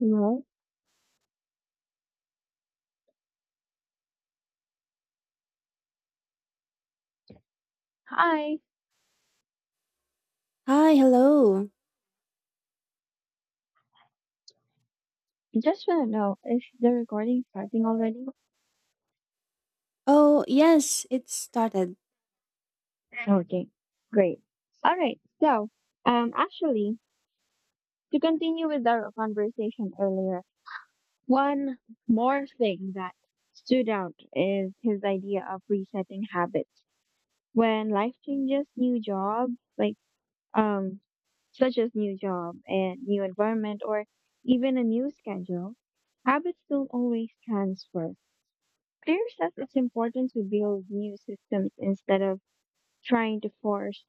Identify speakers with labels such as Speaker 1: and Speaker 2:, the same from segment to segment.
Speaker 1: Hello. Hi.
Speaker 2: Hi, hello.
Speaker 1: Just want to know, is the recording starting already?
Speaker 2: Oh, yes, it started.
Speaker 1: Okay. Great. All right. So, um, actually, to continue with our conversation earlier, one more thing that stood out is his idea of resetting habits. When life changes, new job, like, um, such as new job and new environment or even a new schedule, habits don't always transfer. Clear says it's important to build new systems instead of trying to force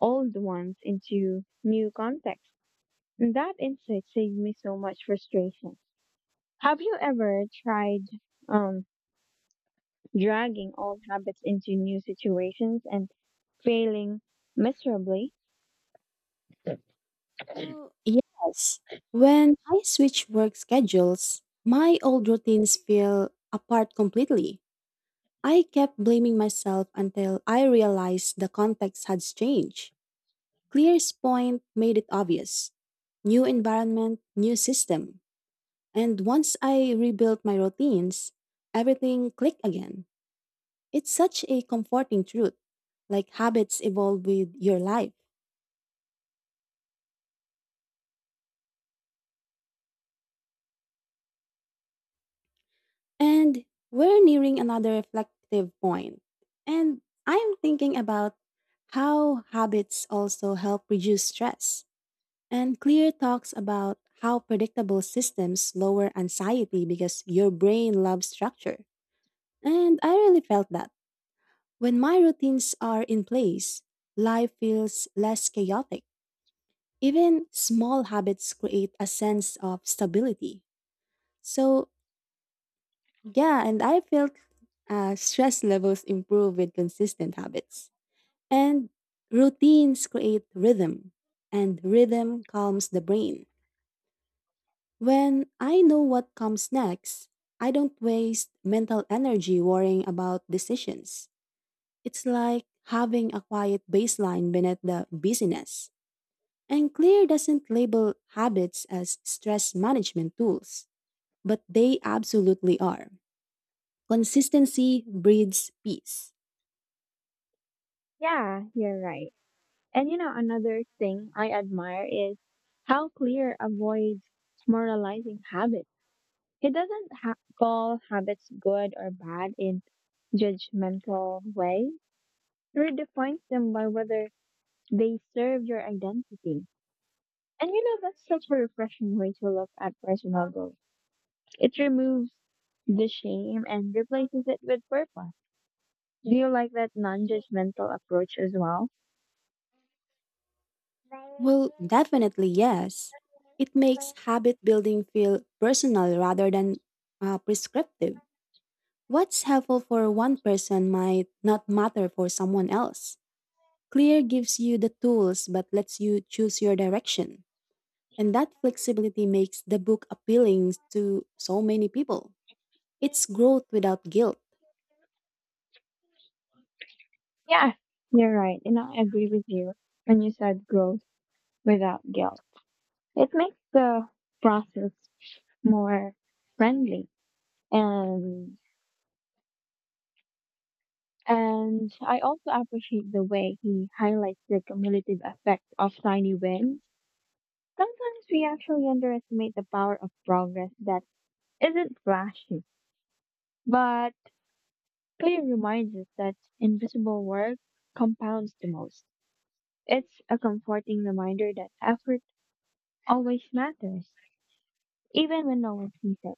Speaker 1: old ones into new contexts. And that insight saved me so much frustration. Have you ever tried um, dragging old habits into new situations and failing miserably?
Speaker 2: Oh, yes. When I switch work schedules, my old routines fell apart completely. I kept blaming myself until I realized the context had changed. Clear's point made it obvious. New environment, new system. And once I rebuilt my routines, everything clicked again. It's such a comforting truth, like habits evolve with your life. And we're nearing another reflective point. And I'm thinking about how habits also help reduce stress. And Clear talks about how predictable systems lower anxiety because your brain loves structure. And I really felt that. When my routines are in place, life feels less chaotic. Even small habits create a sense of stability. So Yeah, and I felt stress levels improve with consistent habits. And routines create rhythm, and rhythm calms the brain. When I know what comes next, I don't waste mental energy worrying about decisions. It's like having a quiet baseline beneath the busyness. And Clear doesn't label habits as stress management tools, but they absolutely are. Consistency breeds peace.
Speaker 1: Yeah, you're right. And you know, another thing I admire is how Clear avoids moralizing habits. He doesn't ha- call habits good or bad in judgmental way. He redefines them by whether they serve your identity. And you know, that's such a refreshing way to look at personal growth. It removes the shame and replaces it with purpose. Do you like that non-judgmental approach as well?
Speaker 2: Well, definitely yes. It makes habit building feel personal rather than prescriptive. What's helpful for one person might not matter for someone else. Clear gives you the tools but lets you choose your direction. And that flexibility makes the book appealing to so many people. It's growth without guilt.
Speaker 1: Yeah, you're right. And I agree with you when you said growth without guilt. It makes the process more friendly and. And I also appreciate the way he highlights the cumulative effect of tiny wins. Sometimes we actually underestimate the power of progress that isn't flashy, but Clay reminds us that invisible work compounds the most. It's a comforting reminder that effort always matters, even when no one sees it.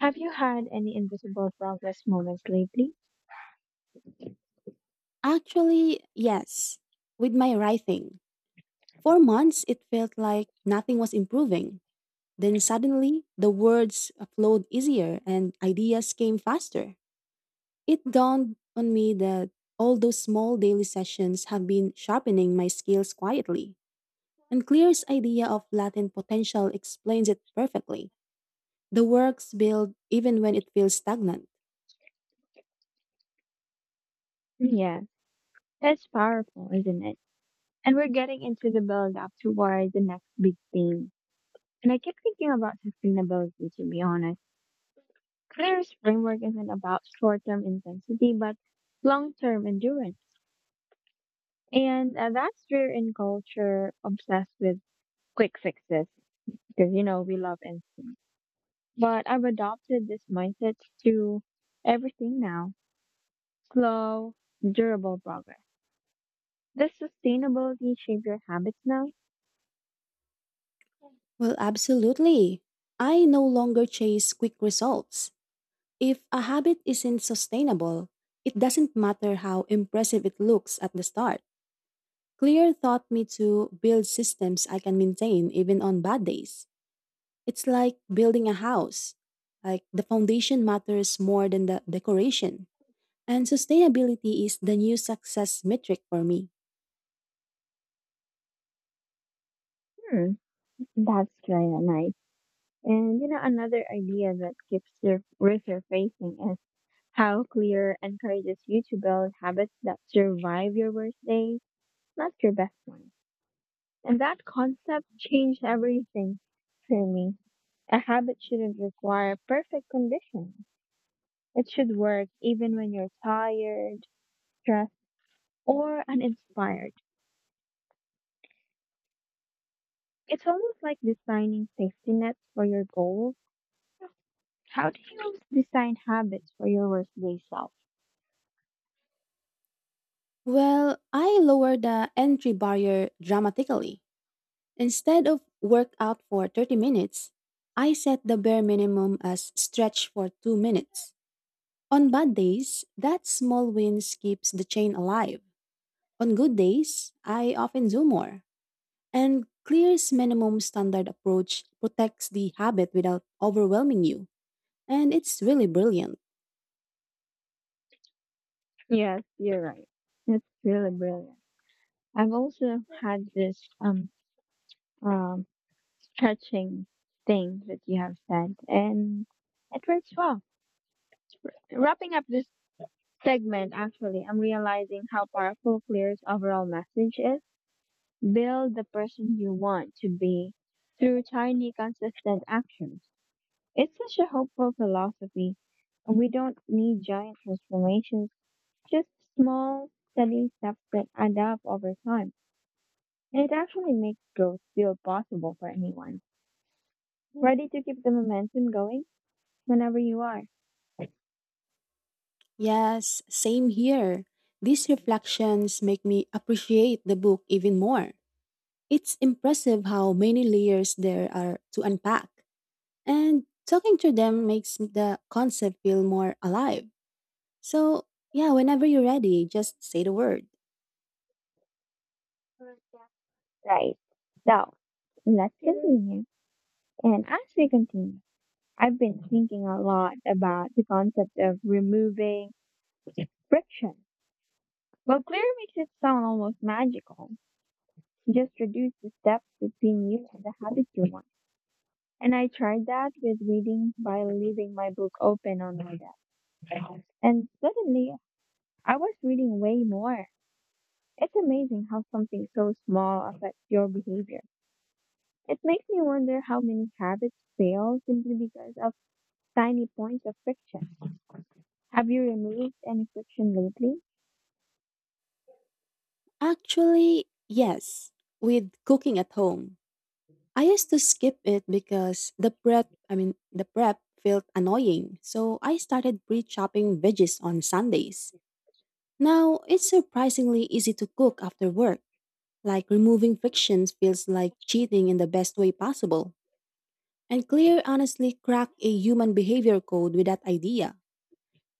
Speaker 1: Have you had any invisible progress moments lately?
Speaker 2: Actually, yes. With my writing, for months it felt like nothing was improving. Then suddenly, the words flowed easier and ideas came faster. It dawned on me that all those small daily sessions have been sharpening my skills quietly. And Clear's idea of latent potential explains it perfectly. The works build even when it feels stagnant.
Speaker 1: Yeah, it's powerful, isn't it? And we're getting into the build up toward the next big thing. And I keep thinking about sustainability, to be honest. Clear's framework isn't about short term intensity, but long term endurance. And that's rare in culture obsessed with quick fixes because, you know, we love it. But I've adopted this mindset to everything now, slow, durable progress. Does sustainability shape your habits now?
Speaker 2: Well, absolutely. I no longer chase quick results. If a habit isn't sustainable, it doesn't matter how impressive it looks at the start. Clear taught me to build systems I can maintain even on bad days. It's like building a house. Like the foundation matters more than the decoration. And sustainability is the new success metric for me.
Speaker 1: Hmm, that's kind of nice. And, you know, another idea that keeps sur- resurfacing is how Clear encourages you to build habits that survive your worst days, not your best ones. And that concept changed everything for me. A habit shouldn't require perfect conditions. It should work even when you're tired, stressed, or uninspired. It's almost like designing safety nets for your goals. How do you design habits for your worst day self?
Speaker 2: Well, I lower the entry barrier dramatically. Instead of work out for 30 minutes, I set the bare minimum as stretch for 2 minutes. On bad days, that small wins keeps the chain alive. On good days, I often do more. And Clear's minimum standard approach protects the habit without overwhelming you. And it's really brilliant.
Speaker 1: Yes, you're right. That's really brilliant. I've also had this um, stretching thing that you have said, and it works well. Wrapping up this segment, actually, I'm realizing how powerful Clear's overall message is. Build the person you want to be through tiny, consistent actions. It's such a hopeful philosophy. We don't need giant transformations, just small, steady steps that add up over time. And it actually makes growth feel possible for anyone. Ready to keep the momentum going? Whenever you are.
Speaker 2: Yes, same here. These reflections make me appreciate the book even more. It's impressive how many layers there are to unpack. And talking to them makes the concept feel more alive. So, yeah, whenever you're ready, just say the word.
Speaker 1: Right. So let's continue. And as we continue, I've been thinking a lot about the concept of removing friction. Well, Clear makes it sound almost magical. Just reduce the steps between you and the habit you want. And I tried that with reading by leaving my book open on my desk. And suddenly, I was reading way more. It's amazing how something so small affects your behavior. It makes me wonder how many habits fail simply because of tiny points of friction. Have you removed any friction lately?
Speaker 2: Actually, yes, with cooking at home. I used to skip it because the prep felt annoying. So I started pre-chopping veggies on Sundays. Now, it's surprisingly easy to cook after work. Like removing frictions feels like cheating in the best way possible. And Clear honestly cracked a human behavior code with that idea.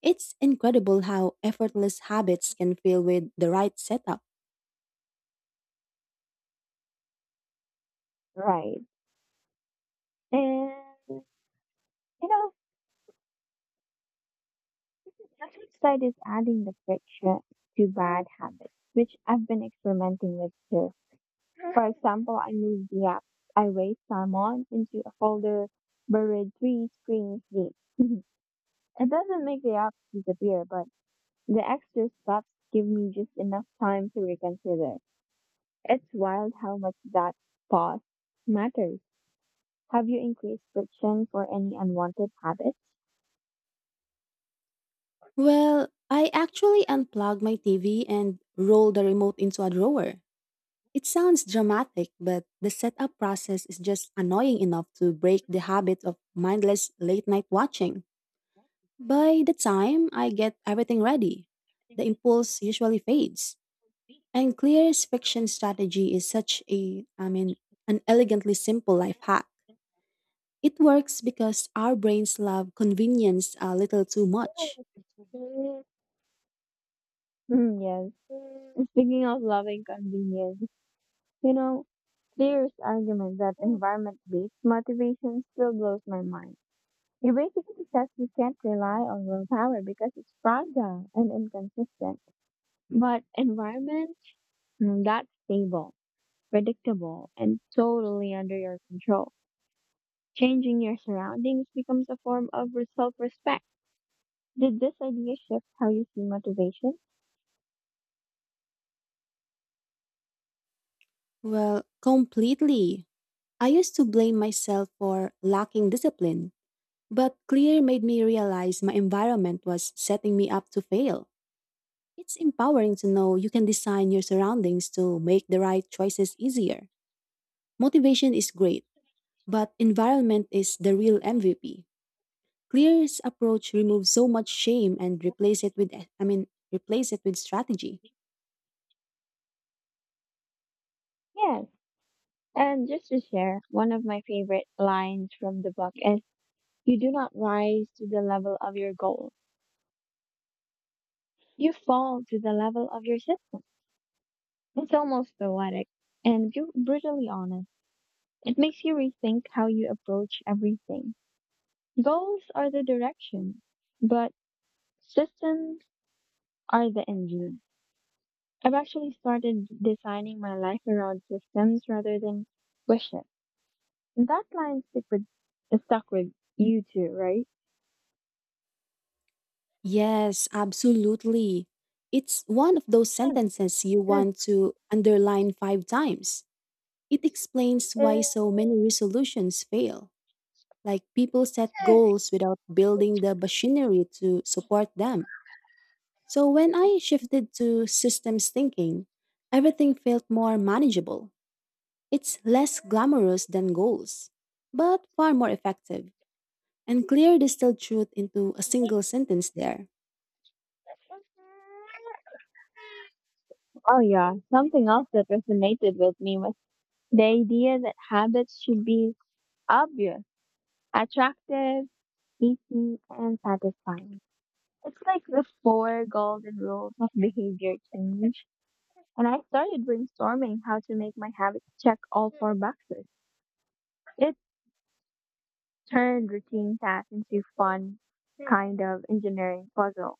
Speaker 2: It's incredible how effortless habits can feel with the right setup.
Speaker 1: Right. And you know, the flip side is adding the friction to bad habits, which I've been experimenting with too. For example, I moved the app I waste time on into a folder buried three screens deep. It doesn't make the app disappear, but the extra steps give me just enough time to reconsider. It's wild how much that pause matters. Have you increased friction for any unwanted habits?
Speaker 2: Well, I actually unplugged my TV and rolled the remote into a drawer. It sounds dramatic, but the setup process is just annoying enough to break the habit of mindless late night watching. By the time I get everything ready, the impulse usually fades. And Clear's fiction strategy is such an elegantly simple life hack. It works because our brains love convenience a little too much.
Speaker 1: Hmm, yes. Mm. Speaking of loving convenience, you know, Clear's argument that environment-based motivation still blows my mind. It basically says we can't rely on willpower because it's fragile and inconsistent. But environment, mm, that's stable, predictable, and totally under your control. Changing your surroundings becomes a form of self-respect. Did this idea shift how you see motivation?
Speaker 2: Well, completely. I used to blame myself for lacking discipline, but Clear made me realize my environment was setting me up to fail. It's empowering to know you can design your surroundings to make the right choices easier. Motivation is great, but environment is the real MVP. Clear's approach removes so much shame and replace it with strategy.
Speaker 1: Yes. And just to share, one of my favorite lines from the book is, you do not rise to the level of your goal. You fall to the level of your system. It's almost poetic and brutally honest. It makes you rethink how you approach everything. Goals are the direction, but systems are the engine. I've actually started designing my life around systems rather than wishes. And that line stick with is stuck with you too, right?
Speaker 2: Yes, absolutely. It's one of those sentences you want to underline 5 times. It explains why so many resolutions fail. Like people set goals without building the machinery to support them. So when I shifted to systems thinking, everything felt more manageable. It's less glamorous than goals, but far more effective. And clear distilled truth into a single sentence there.
Speaker 1: Oh, yeah. Something else that resonated with me was the idea that habits should be obvious, attractive, easy, and satisfying. It's like the four golden rules of behavior change. And I started brainstorming how to make my habits check all four boxes. It turn routine tasks into fun kind of engineering puzzle.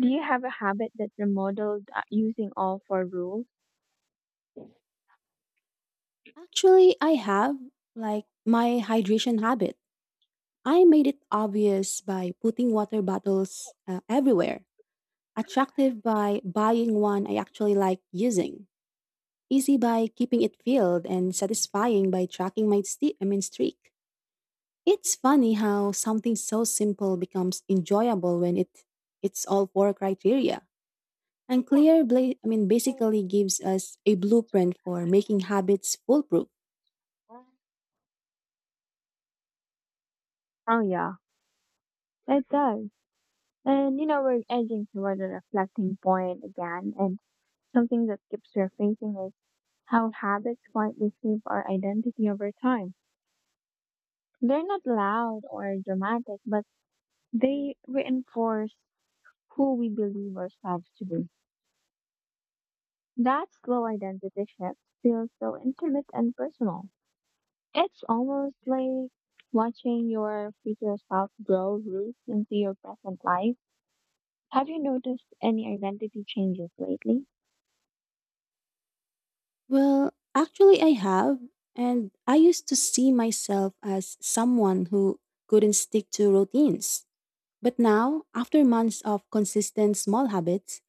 Speaker 1: Do you have a habit that remodeled using all four rules?
Speaker 2: Actually, I have, like my hydration habit. I made it obvious by putting water bottles everywhere. Attractive by buying one I actually like using. Easy by keeping it filled and satisfying by tracking my sti I mean streak. It's funny how something so simple becomes enjoyable when it's all four criteria. And clear basically gives us a blueprint for making habits foolproof.
Speaker 1: Oh yeah, it does. And you know, we're edging toward a reflecting point again, and something that keeps surfacing is how habits quietly shape our identity over time. They're not loud or dramatic, but they reinforce who we believe ourselves to be. That slow identity shift feels so intimate and personal. It's almost like watching your future self grow roots into your present life. Have you noticed any identity changes lately?
Speaker 2: Well, actually I have, and I used to see myself as someone who couldn't stick to routines. But now, after months of consistent small habits,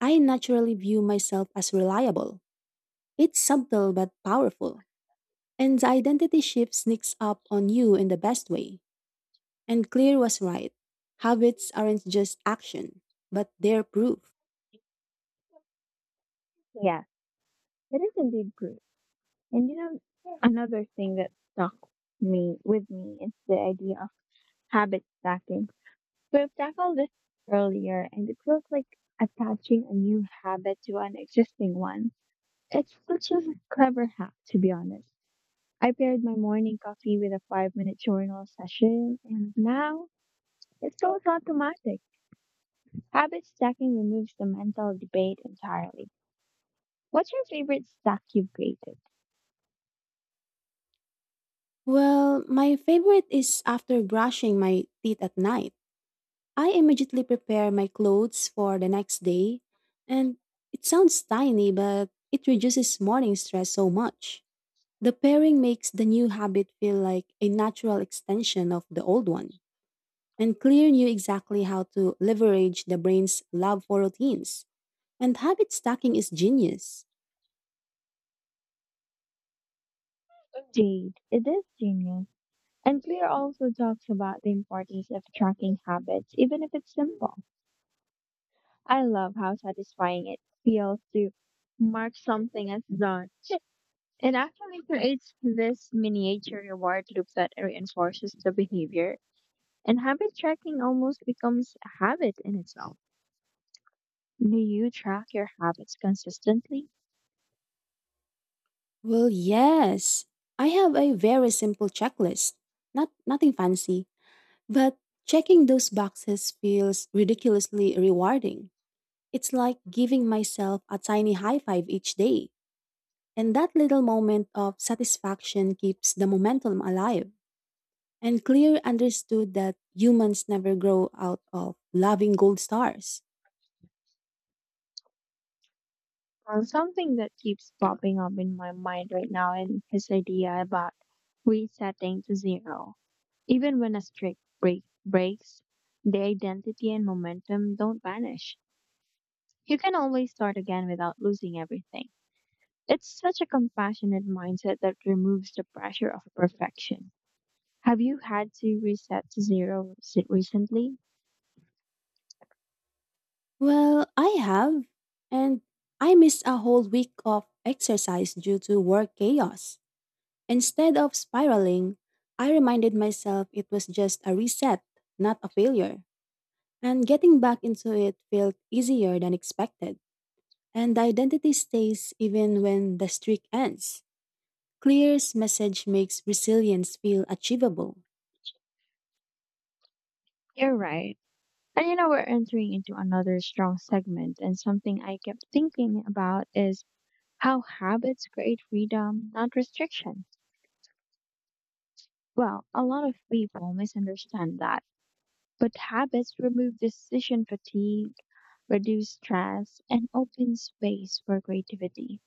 Speaker 2: I naturally view myself as reliable. It's subtle but powerful. And the identity shift sneaks up on you in the best way. And Clear was right. Habits aren't just action, but they're proof.
Speaker 1: Yes, it is indeed true. And you know, another thing that stuck me with me is the idea of habit stacking. We've tackled this earlier, and it feels like attaching a new habit to an existing one. It's such a clever hack, to be honest. I paired my morning coffee with a 5 minute journal session, and now it's so automatic. Habit stacking removes the mental debate entirely. What's your favorite stack you've created?
Speaker 2: Well, my favorite is after brushing my teeth at night. I immediately prepare my clothes for the next day. And it sounds tiny, but it reduces morning stress so much. The pairing makes the new habit feel like a natural extension of the old one. And Clear knew exactly how to leverage the brain's love for routines. And habit stacking is genius.
Speaker 1: Jade. It is genius. And Clear also talks about the importance of tracking habits, even if it's simple. I love how satisfying it feels to mark something as done. It actually creates this miniature reward loop that reinforces the behavior, and habit tracking almost becomes a habit in itself. Do you track your habits consistently?
Speaker 2: Well, yes. I have a very simple checklist. Not nothing fancy, but checking those boxes feels ridiculously rewarding. It's like giving myself a tiny high five each day, and that little moment of satisfaction keeps the momentum alive. And Clear understood that humans never grow out of loving gold stars.
Speaker 1: Well, something that keeps popping up in my mind right now is his idea about resetting to zero. Even when a streak breaks, the identity and momentum don't vanish. You can always start again without losing everything. It's such a compassionate mindset that removes the pressure of perfection. Have you had to reset to zero recently?
Speaker 2: Well, I have. And I missed a whole week of exercise due to work chaos. Instead of spiraling, I reminded myself it was just a reset, not a failure. And getting back into it felt easier than expected. And the identity stays even when the streak ends. Clear's message makes resilience feel achievable.
Speaker 1: You're right. And you know, we're entering into another strong segment, and something I kept thinking about is how habits create freedom, not restriction. Well, a lot of people misunderstand that, but habits remove decision fatigue, reduce stress, and open space for creativity.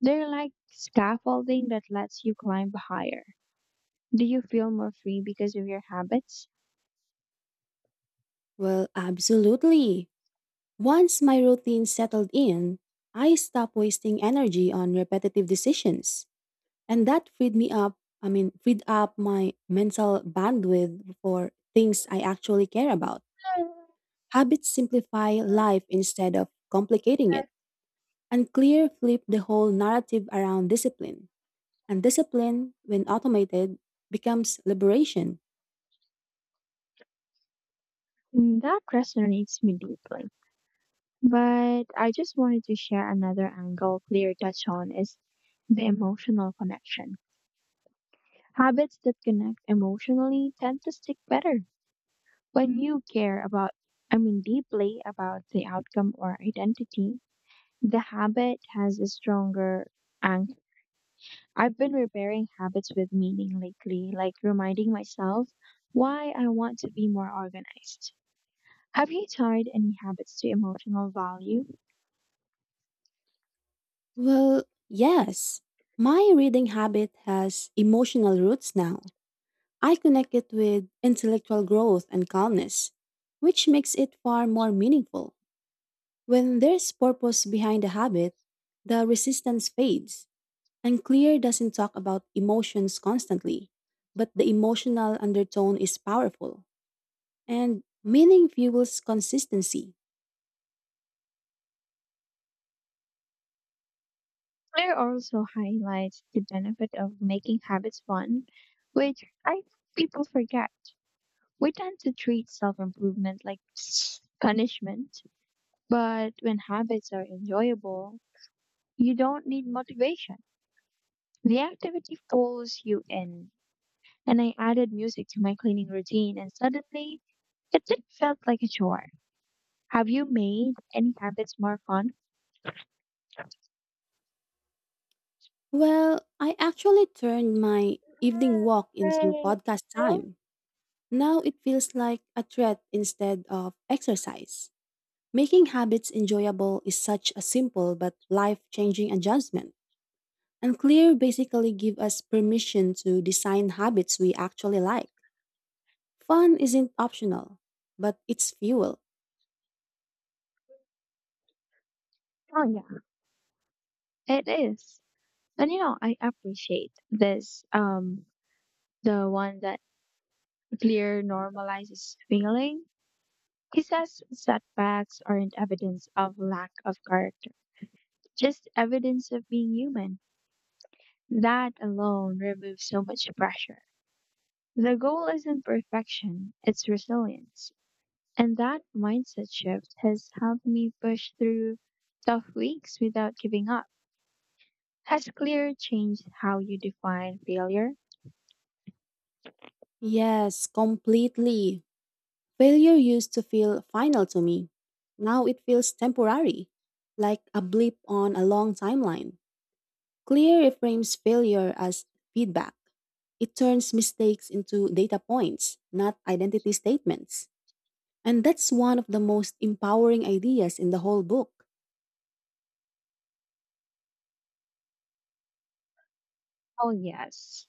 Speaker 1: They're like scaffolding that lets you climb higher. Do you feel more free because of your habits?
Speaker 2: Well, absolutely. Once my routine settled in, I stopped wasting energy on repetitive decisions, and that freed me up, I mean, freed up my mental bandwidth for things I actually care about. Habits simplify life instead of complicating it, and clear flip the whole narrative around discipline. And discipline, when automated, becomes liberation.
Speaker 1: Mm, that resonates me deeply. But I just wanted to share another angle Clear touch on is the emotional connection. Habits that connect emotionally tend to stick better. When you care about, I mean, deeply about the outcome or identity, the habit has a stronger anchor. I've been repairing habits with meaning lately, like reminding myself why I want to be more organized. Have you tied any habits to emotional value?
Speaker 2: Well, yes, my reading habit has emotional roots now. I connect it with intellectual growth and calmness, which makes it far more meaningful. When there's purpose behind a habit, the resistance fades, and Clear doesn't talk about emotions constantly, but the emotional undertone is powerful, and meaning fuels consistency.
Speaker 1: Claire also highlights the benefit of making habits fun, which I think people forget. We tend to treat self improvement like punishment, but when habits are enjoyable, you don't need motivation. The activity pulls you in. And I added music to my cleaning routine, and suddenly it didn't felt like a chore. Have you made any habits more fun?
Speaker 2: Well, I actually turned my evening walk into podcast time. Now it feels like a threat instead of exercise. Making habits enjoyable is such a simple but life changing adjustment. And Clear basically give us permission to design habits we actually like. Fun isn't optional, but it's fuel.
Speaker 1: Oh yeah, it is. And you know, I appreciate this. The one that Clear normalizes feeling. He says setbacks aren't evidence of lack of character, just evidence of being human. That alone removes so much pressure. The goal isn't perfection, it's resilience. And that mindset shift has helped me push through tough weeks without giving up. Has Clear changed how you define failure?
Speaker 2: Yes, completely. Failure used to feel final to me. Now it feels temporary, like a blip on a long timeline. Clear reframes failure as feedback. It turns mistakes into data points, not identity statements. And that's one of the most empowering ideas in the whole book.
Speaker 1: Oh, yes.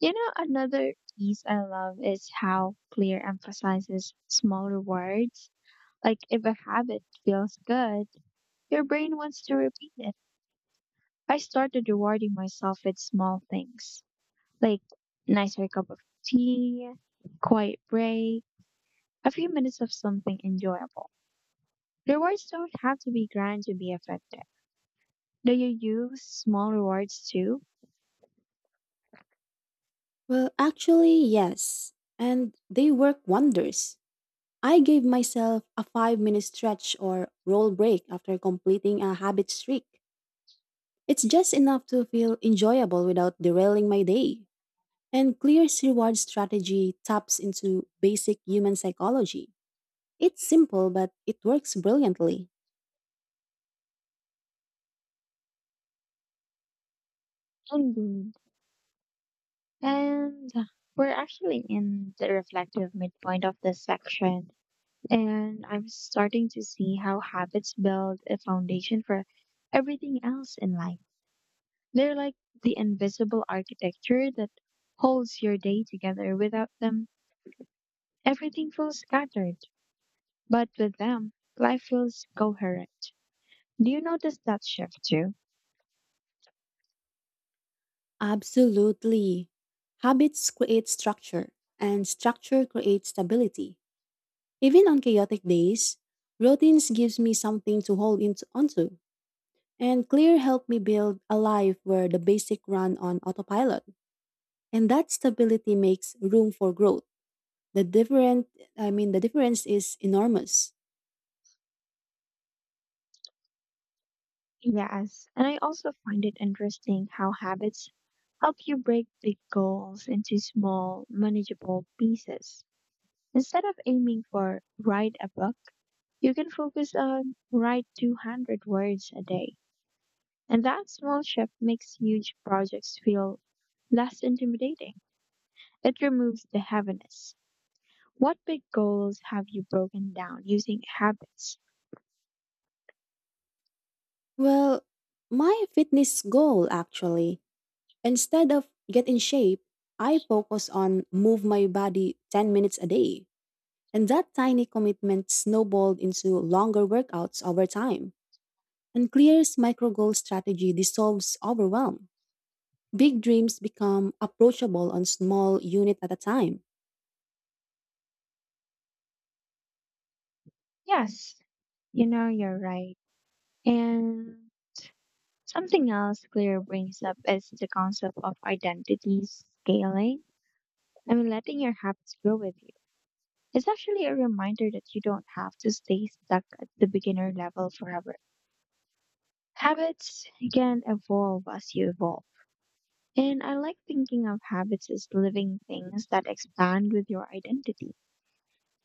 Speaker 1: You know, another piece I love is how Clear emphasizes small rewards. Like if a habit feels good, your brain wants to repeat it. I started rewarding myself with small things, like nicer cup of tea, quiet break, a few minutes of something enjoyable. Rewards don't have to be grand to be effective. Do you use small rewards too?
Speaker 2: Well, actually, yes. And they work wonders. I gave myself a 5 minute stretch or roll break after completing a habit streak. It's just enough to feel enjoyable without derailing my day. And Clear's reward strategy taps into basic human psychology. It's simple, but it works brilliantly.
Speaker 1: Indeed. And we're actually in the reflective midpoint of this section, and I'm starting to see how habits build a foundation for everything else in life. They're like the invisible architecture that holds your day together. Without them, everything feels scattered. But with them, life feels coherent. Do you notice that shift too?
Speaker 2: Absolutely. Habits create structure, and structure creates stability. Even on chaotic days, routines gives me something to onto. And clear helped me build a life where the basic run on autopilot. And that stability makes room for growth. The different I mean the difference is enormous.
Speaker 1: Yes, and I also find it interesting how habits help you break big goals into small, manageable pieces. Instead of aiming for write a book, you can focus on write 200 words a day. And that small shift makes huge projects feel less intimidating. It removes the heaviness. What big goals have you broken down using habits?
Speaker 2: Well, my fitness goal actually, instead of get in shape, I focus on move my body 10 minutes a day. And that tiny commitment snowballed into longer workouts over time. And Clear's micro goal strategy dissolves overwhelm. Big dreams become approachable on small unit at a time.
Speaker 1: Yes, you know, you're right. And something else Claire brings up is the concept of identity scaling. I mean, letting your habits grow with you. It's actually a reminder that you don't have to stay stuck at the beginner level forever. Habits can evolve as you evolve. And I like thinking of habits as living things that expand with your identity.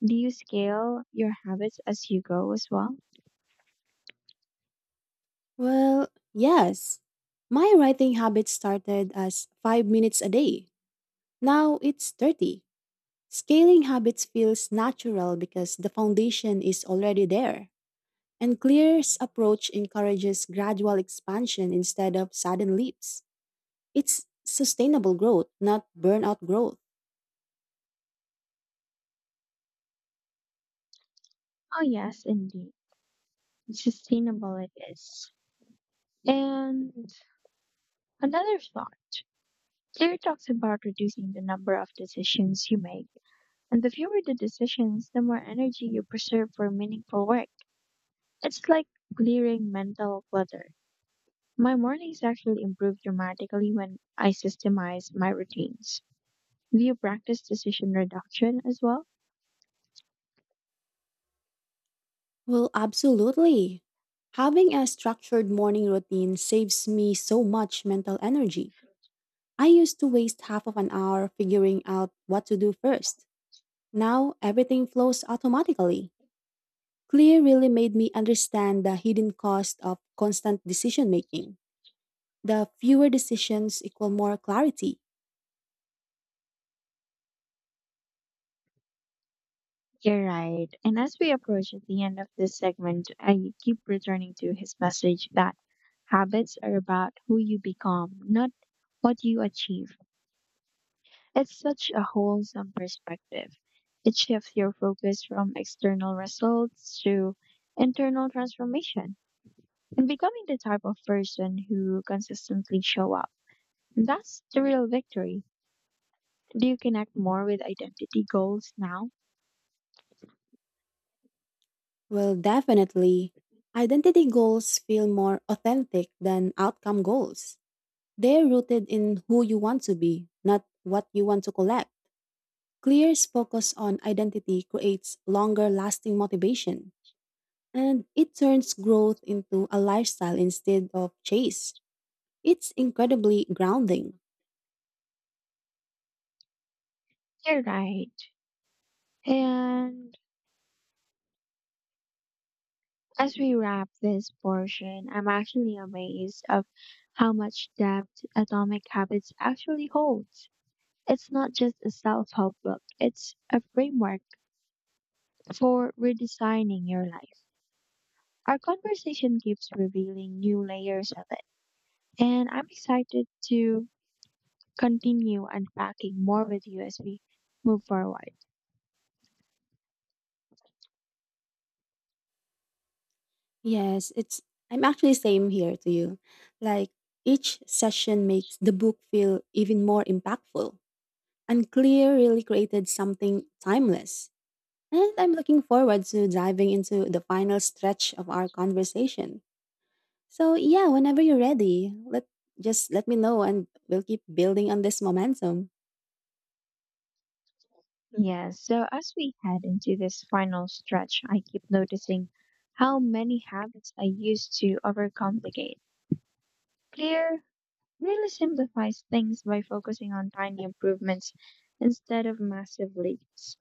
Speaker 1: Do you scale your habits as you go as well?
Speaker 2: Well, yes. My writing habit started as 5 minutes a day. Now it's 30. Scaling habits feels natural because the foundation is already there. And Clear's approach encourages gradual expansion instead of sudden leaps. It's sustainable growth, not burnout growth.
Speaker 1: Oh, yes, indeed. Sustainable it is. And another thought. Claire talks about reducing the number of decisions you make. And the fewer the decisions, the more energy you preserve for meaningful work. It's like clearing mental clutter. My mornings actually improve dramatically when I systemize my routines. Do you practice decision reduction as well?
Speaker 2: Well, absolutely. Having a structured morning routine saves me so much mental energy. I used to waste half of an hour figuring out what to do first. Now everything flows automatically. Clear really made me understand the hidden cost of constant decision making. The fewer decisions equal more clarity.
Speaker 1: You're right. And as we approach at the end of this segment, I keep returning to his message that habits are about who you become, not what you achieve. It's such a wholesome perspective. It shifts your focus from external results to internal transformation and becoming the type of person who consistently show up. That's the real victory. Do you connect more with identity goals now?
Speaker 2: Well, definitely. Identity goals feel more authentic than outcome goals. They're rooted in who you want to be, not what you want to collect. Clear's focus on identity creates longer lasting motivation, and it turns growth into a lifestyle instead of chase. It's incredibly grounding.
Speaker 1: You're right. And as we wrap this portion, I'm actually amazed of how much depth Atomic Habits actually holds. It's not just a self-help book, it's a framework for redesigning your life. Our conversation keeps revealing new layers of it, and I'm excited to continue unpacking more with you as we move forward.
Speaker 2: Yes, it's I'm actually same here to you. Like each session makes the book feel even more impactful. And Clear really created something timeless. And I'm looking forward to diving into the final stretch of our conversation. So yeah, whenever you're ready, let just let me know and we'll keep building on this momentum.
Speaker 1: Yeah, so as we head into this final stretch, I keep noticing how many habits I used to overcomplicate. Clear really simplifies things by focusing on tiny improvements instead of massive leaps.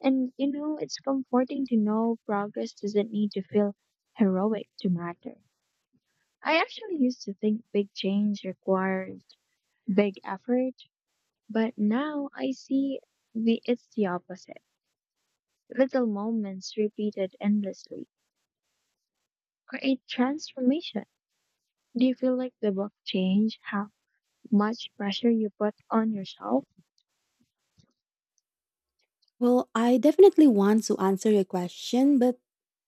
Speaker 1: And you know, it's comforting to know progress doesn't need to feel heroic to matter. I actually used to think big change required big effort, but now I see the it's the opposite. Little moments repeated endlessly create transformation. Do you feel like the book change how much pressure you put on yourself?
Speaker 2: Well, I definitely want to answer your question, but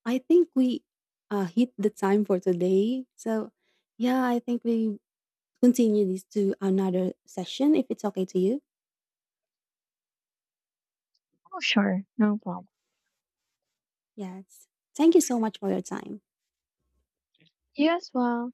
Speaker 2: I think we hit the time for today. So yeah, I think we continue this to another session if it's okay to you.
Speaker 1: Oh, sure, no problem.
Speaker 2: Yes. Thank you so much for your time.
Speaker 1: You as well.